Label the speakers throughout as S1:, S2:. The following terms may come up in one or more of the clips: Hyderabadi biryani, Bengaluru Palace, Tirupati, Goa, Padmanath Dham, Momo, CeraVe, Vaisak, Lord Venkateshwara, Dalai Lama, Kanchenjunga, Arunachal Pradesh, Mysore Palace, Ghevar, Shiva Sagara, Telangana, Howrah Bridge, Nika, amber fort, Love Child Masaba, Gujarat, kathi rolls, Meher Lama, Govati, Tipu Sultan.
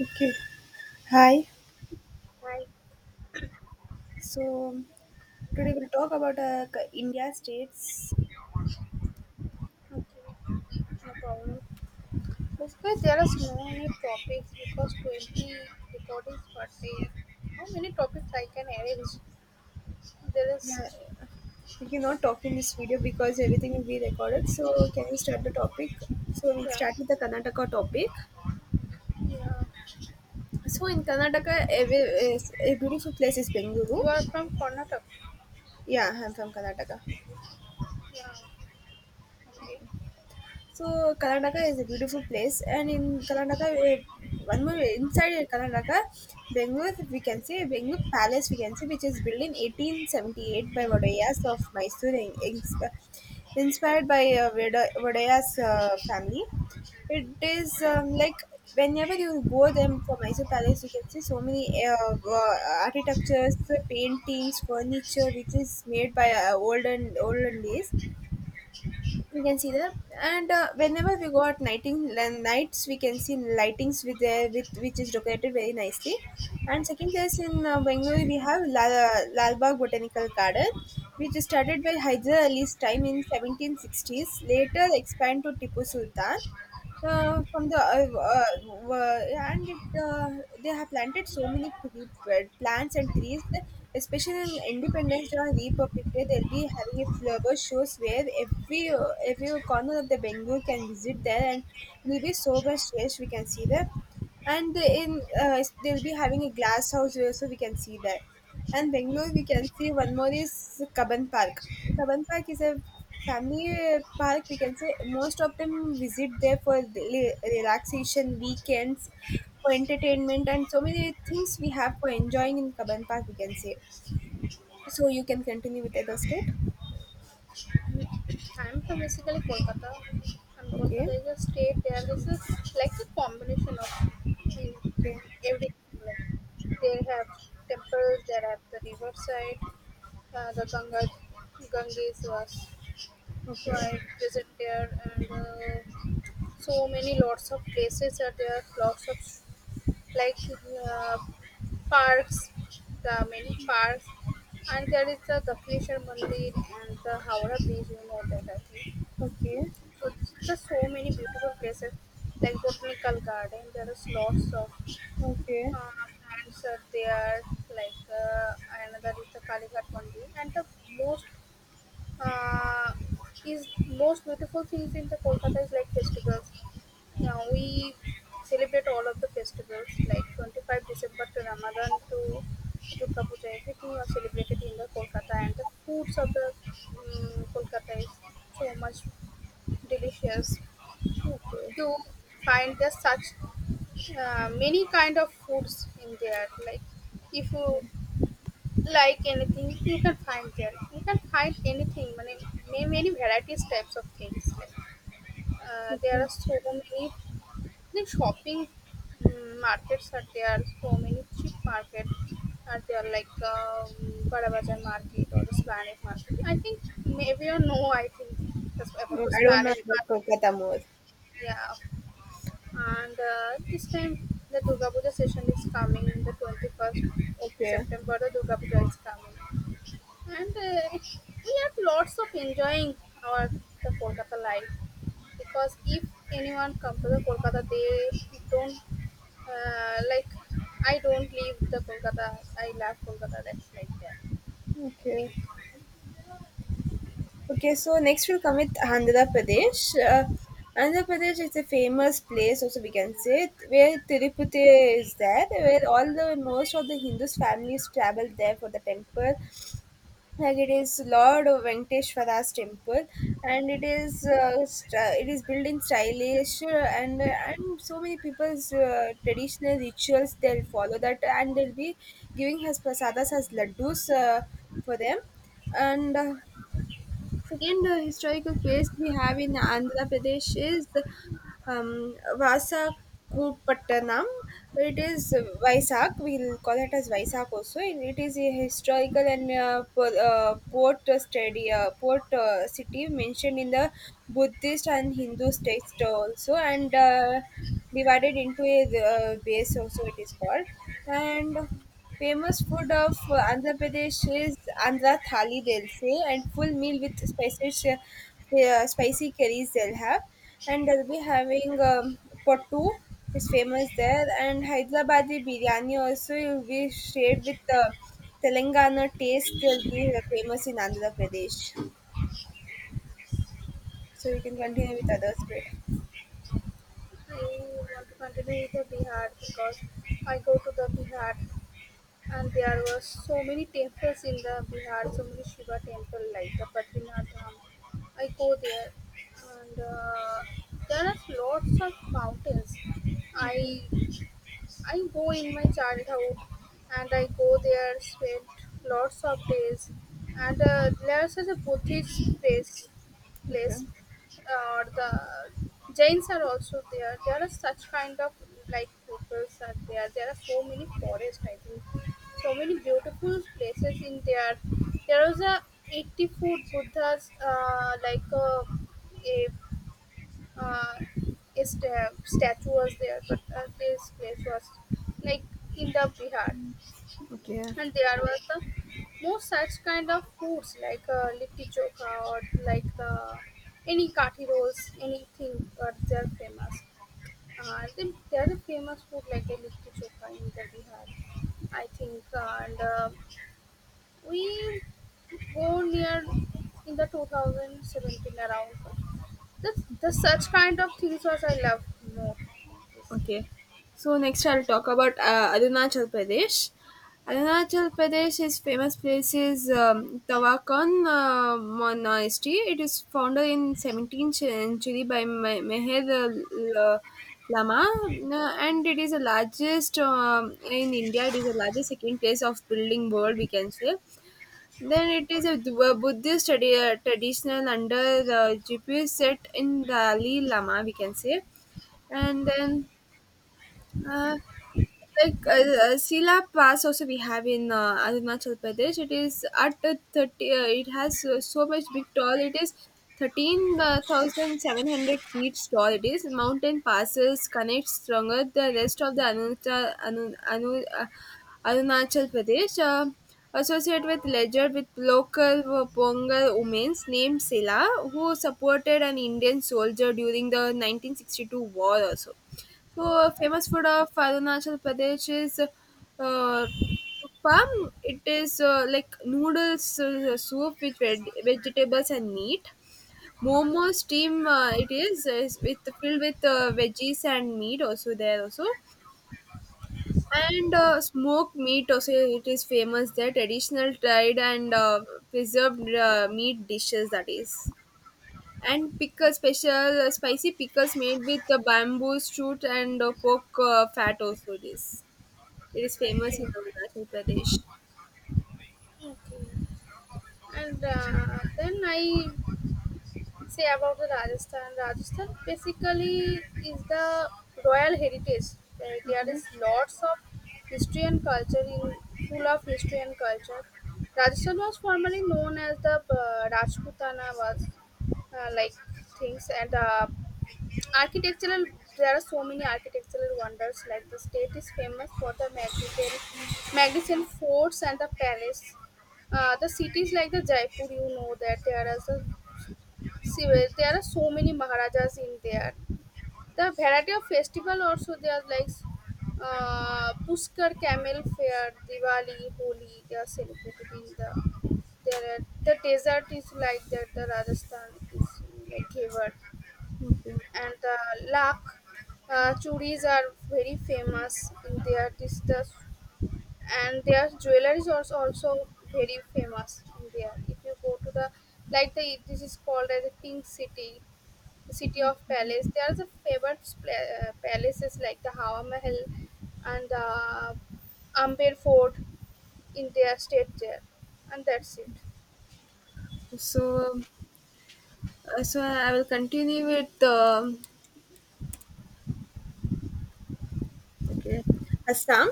S1: Okay. Hi.
S2: Right.
S1: So um, today we'll talk about India states.
S2: Okay. No problem. Because there are so many topics, because 20 recordings per day. How many topics I can arrange? There is
S1: Yeah, we cannot talk in this video because everything will be recorded. So can you start the topic? So we'll
S2: yeah.
S1: start with the Karnataka topic.
S2: Yeah.
S1: So in Karnataka, a beautiful place is
S2: You
S1: Bengaluru.
S2: are from Karnataka.
S1: Yeah, I'm from Karnataka.
S2: Yeah. Okay.
S1: So Karnataka is a beautiful place, and in Karnataka, one more inside Karnataka, Bengaluru we can say. Bengaluru Palace we can say, which is built in 1878 by Vodayas of Mysore, inspired by Vodaya's family. It is like whenever you go them for Mysore Palace, you can see so many architectures, paintings, furniture, which is made by olden days, we can see that. And whenever we go at nights we can see lightings with there with which is decorated very nicely. And second place in bengaluru we have lalbagh botanical garden, which is started by Hyder Ali's time in 1760s, later expanded to Tipu Sultan from the and it, uh, they have planted so many tree, plants and trees, especially in independence day or republic day. They'll be having a flower shows where every corner of the bengal can visit there, and it will be so much fresh we can see there. And in they'll be having a glass house where so we can see that. And bangalore we can see one more is kaban park. Kaban park is a family park we can say. Most of them visit there for relaxation weekends for entertainment, and so many things we have for enjoying in kaban park we can say. So you can continue with other state.
S2: I'm from basically Kolkata. And
S1: Okay,
S2: Kolkata is a state. There is a like a combination of the
S1: okay,
S2: everything, like they have temples, there have the riverside, the Ganga Ganges was
S1: okay,
S2: quite visit there. And so many lots of places are there, lots of like uh, parks, the many parks, and there is the Gapneshwar Mandir and the Howrah Bridge, you know that, I think.
S1: okay,
S2: So there's so many beautiful places like botanical garden. There is lots of
S1: okay,
S2: plants are there, like another is the Kalighat Mandir. And the most uh, is most beautiful things in the Kolkata is like festivals. Now we celebrate all of the festivals like 25 December to Ramadan to Durga Puja. Everything are celebrated in the Kolkata, and the foods of the Kolkata is so much delicious.
S1: okay,
S2: You find there's such many kind of foods in there. Like if you
S1: yeah,
S2: like anything, you can find there. You can find anything, মানে may many varieties types of things. Like, there
S1: okay.
S2: are so many the shopping markets are there. So many cheap market are there, like Bada Bazaar market or the Planet market. I think maybe you know. I think that's
S1: No,
S2: about the
S1: I don't know
S2: Planet
S1: about
S2: market.
S1: kolkata more.
S2: Yeah, and this time the Durga Puja session is coming in the 21st
S1: Okay,
S2: September. The Durga Puja is coming, and we have lots of enjoying our the Kolkata life. Because if anyone comes to the Kolkata, they don't like. I don't leave the Kolkata. I love Kolkata. That's like that, I
S1: okay,
S2: think.
S1: okay. So next we'll come with Andhra Pradesh. Andhra Pradesh is a famous place, also we can say, it, where Tirupati is there, where all the most of the Hindus families travel there for the temple, like it is Lord Venkateshwara's temple. And it is it is built in stylish, and so many people's traditional rituals they'll follow that, and they'll be giving us prasadas as laddus for them. And second historical place we have in Andhra Pradesh is Vasakupattanam. It is Vaisak. We'll call it as Vaisak also. And it is a historical and port study, port city mentioned in the Buddhist and Hindu text also, and divided into a base also. It is called and. Famous food of Andhra Pradesh is Andhra Thali, they'll say, and full meal with spices, spicy curries they'll have. And they'll be having pottu, is famous there, and Hyderabadi biryani also will be shared with the Telangana taste, they'll be famous in Andhra Pradesh. So you can continue with
S2: Okay.
S1: other state.
S2: I want to continue with the Bihar because I go to the Bihar. And there were so many temples in the Bihar, so many Shiva temple like the Padmanath Dham. I go there, and there are lots of mountains. I
S1: Okay,
S2: I go in my childhood, and I go there, spend lots of days. And there's such a Buddhist place,
S1: okay.
S2: place or the Jains are also there. There are such kind of like peoples are there. There are so many forests, I think. So many beautiful places in there. There was a 80-foot Buddha's like a uh, is statue was there. But this place was like in the Bihar,
S1: Okay.
S2: and there was the more such kind of foods like litti chokha or like the any kathi rolls, anything are they're famous. They're the famous food like a litti chokha in the Bihar, I think. And we go near in the 2017 around this,
S1: Okay.
S2: this such kind of things was I love more.
S1: Okay. So next I'll talk about Arunachal Pradesh. Arunachal Pradesh is famous place is Tawakon Monastery. It is founded in 17th century by Meher Lama, and it is the largest in India. It is the largest second place of building world we can say. Then it is a Buddhist traditional under the GPS set in Dalai Lama we can say. And then uh, Sila Pass also we have in Arunachal Pradesh. It is at the thirty. It has so much big tall. It is 13,700 feet tall. It is mountain passes connects stronger the rest of the Arunachal Pradesh. Associated with legend with local Pongal women named Sila, who supported an Indian soldier during the 1962 war also. So, famous food of Arunachal Pradesh is Appam. It is like noodles soup with vegetables and meat. Momo steam, it is with filled with veggies and meat also there also. And smoked meat also it is famous there. Traditional dried and preserved meat dishes, that is, and pickle, special spicy pickles made with the bamboo shoot and pork fat also, it is famous in
S2: Okay.
S1: Arunachal Pradesh.
S2: Okay. And then I say about the Rajasthan. Rajasthan basically is the royal heritage. There
S1: Okay,
S2: is lots of history and culture in full of history and culture. Rajasthan was formerly known as the Rajputana, was like things. And architectural, there are so many architectural wonders. Like the state is famous for the magnificent forts and the palace. The cities like the Jaipur, you know that there are the Shiva- there are so many Maharajas in there. The variety of festival also there are, like Pushkar Camel Fair, Diwali, Holi. They are celebrated in the there are, the desert is like that. The Rajasthan is like Ghevar,
S1: okay.
S2: and the lak churis are very famous in their dishes, and their jewelry is also very famous in there. If you go to the like, the this is called as a pink city, the city of palace, there are the favorite pla- palaces like the Hawa Mahal and the Amber Fort in their state there, and that's it.
S1: So so I will continue with okay Assam.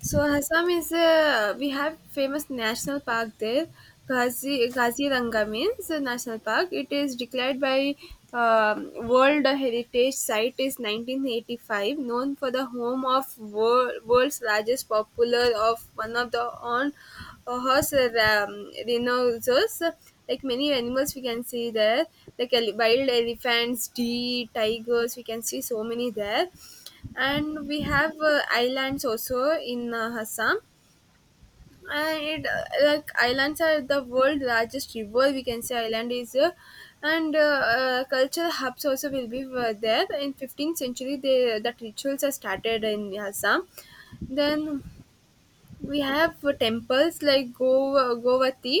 S1: So Assam is a we have famous national park there, Ghazi Gaziranga means a national park. It is declared by World Heritage Site is 1985, known for the home of world, world's largest popular of one of the on horse rhinos. Like many animals, we can see there, like wild elephants, deer, tigers. We can see so many there, and we have islands also in Assam. And it, like islands are the world largest river. We can say island is, and cultural hubs also will be there. In 15th century, they that rituals are started in Assam. Then we have temples like Gova, Govati,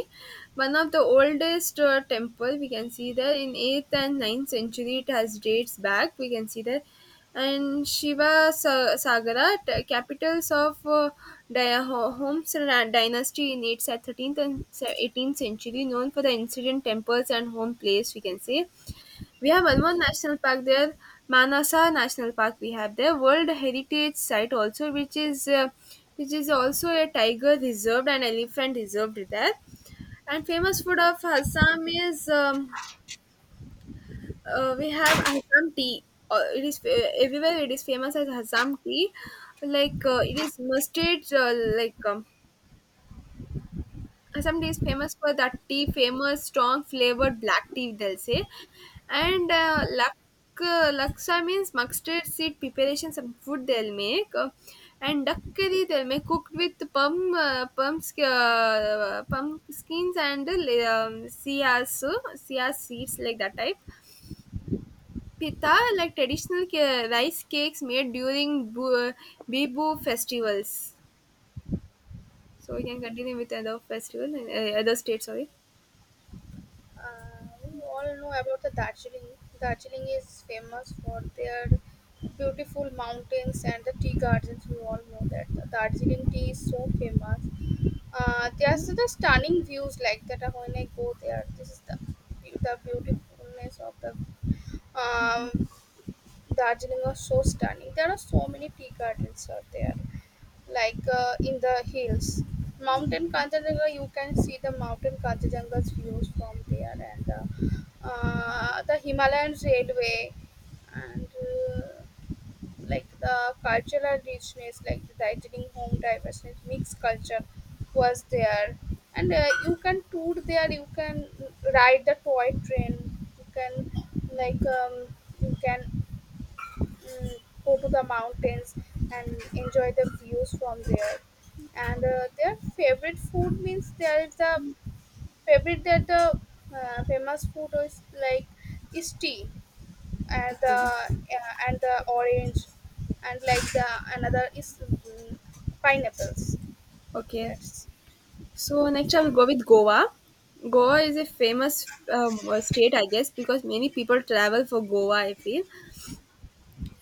S1: one of the oldest temple we can see there in 8th and ninth century. It has dates back. We can see there. And Sagara, capitals of Homs dynasty in 8th, 13th and 18th century, known for the incident temples and home place, we can say. We have one more national park there, Manasa National Park. We have there World Heritage Site also, which is also a tiger reserved and elephant reserved there. And famous food of Assam is we have Assam tea. It is everywhere. It is famous as Assam tea. Like it is mustard, like Assam tea is famous for that tea, famous strong flavored black tea, they'll say. And laksa means mustard seed preparation, some food they'll make. And duck curry they'll make cooked with pumps, pumpkins and chia, so siyas seeds like that type. Pita like traditional rice cakes made during Bibu festivals. So we can continue with other festival, other state, sorry.
S2: We all know about the Darjeeling. Darjeeling is famous for their beautiful mountains and the tea gardens. We all know that the Darjeeling tea is so famous.
S1: Yeah.
S2: There's the stunning views like that when I go there. This is the beautifulness of the um, Darjeeling are so stunning. There are so many tea gardens out there, like in the hills. Mountain Kanchenjunga, you can see the mountain Kanchenjunga's views from there, and the Himalayan Railway, and like the cultural richness, like the Darjeeling home diversity, mixed culture was there. And you can tour there. You can ride the toy train. You can like you can mm, go to the mountains and enjoy the views from there. And their favorite food means there is the favorite that the famous food is like is tea, and the
S1: Okay.
S2: yeah, and the orange, and like the another is pineapples,
S1: Okay,
S2: that's
S1: so next I'll go with Goa. Goa is a famous state, I guess, because many people travel for Goa. I feel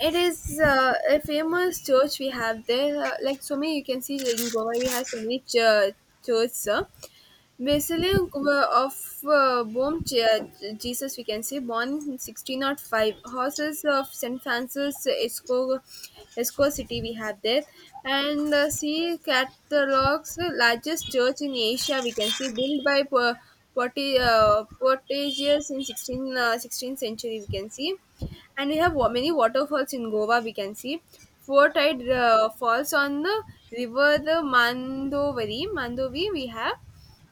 S1: it is a famous church we have there. Like so many, you can see in Goa we have so many churches. Basilius of Bomchia, Jesus, we can say, born in 1605. Horses of St. Francis, Esco, Esco city, we have there. And see Catholic's largest church in Asia, we can see, built by Portuguese in 16th century, we can see, and we have many waterfalls in Goa. We can see four tide falls on the river, the Mandovari. Mandovi we have,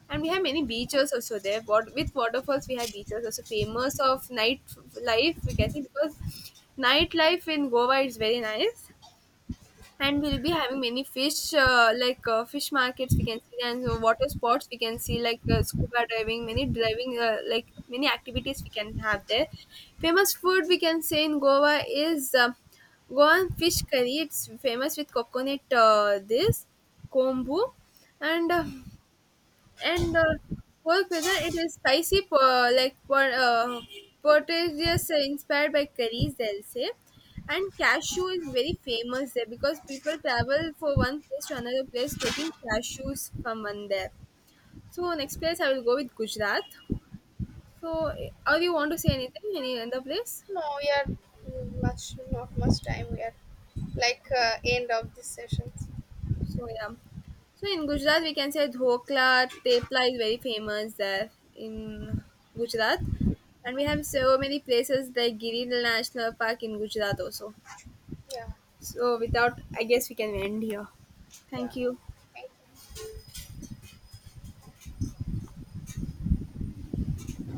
S1: and we have many beaches also there what with waterfalls, we have beaches also famous of night life we can see, because nightlife in goa is very nice. And we'll be having many fish fish markets we can see, and water sports we can see like scuba diving, many driving like many activities we can have there. Famous food we can say in goa is goan fish curry, it's famous with coconut, this kombu, and and uh, whole pizza, it is spicy portage, is inspired by curries they'll say. And cashew is very famous there, because people travel for one place to another place taking cashews from one there. So next place I will go with gujarat. So, or you want to say anything any other place?
S2: no, we are much not much time, we are like end of this session.
S1: So yeah. So in Gujarat we can say dhokla, tepla is very famous there in Gujarat. And we have so many places like Giridhar National Park in Gujarat also.
S2: Yeah.
S1: So without I guess we can end here.
S2: Yeah.
S1: Thank you.
S2: Thank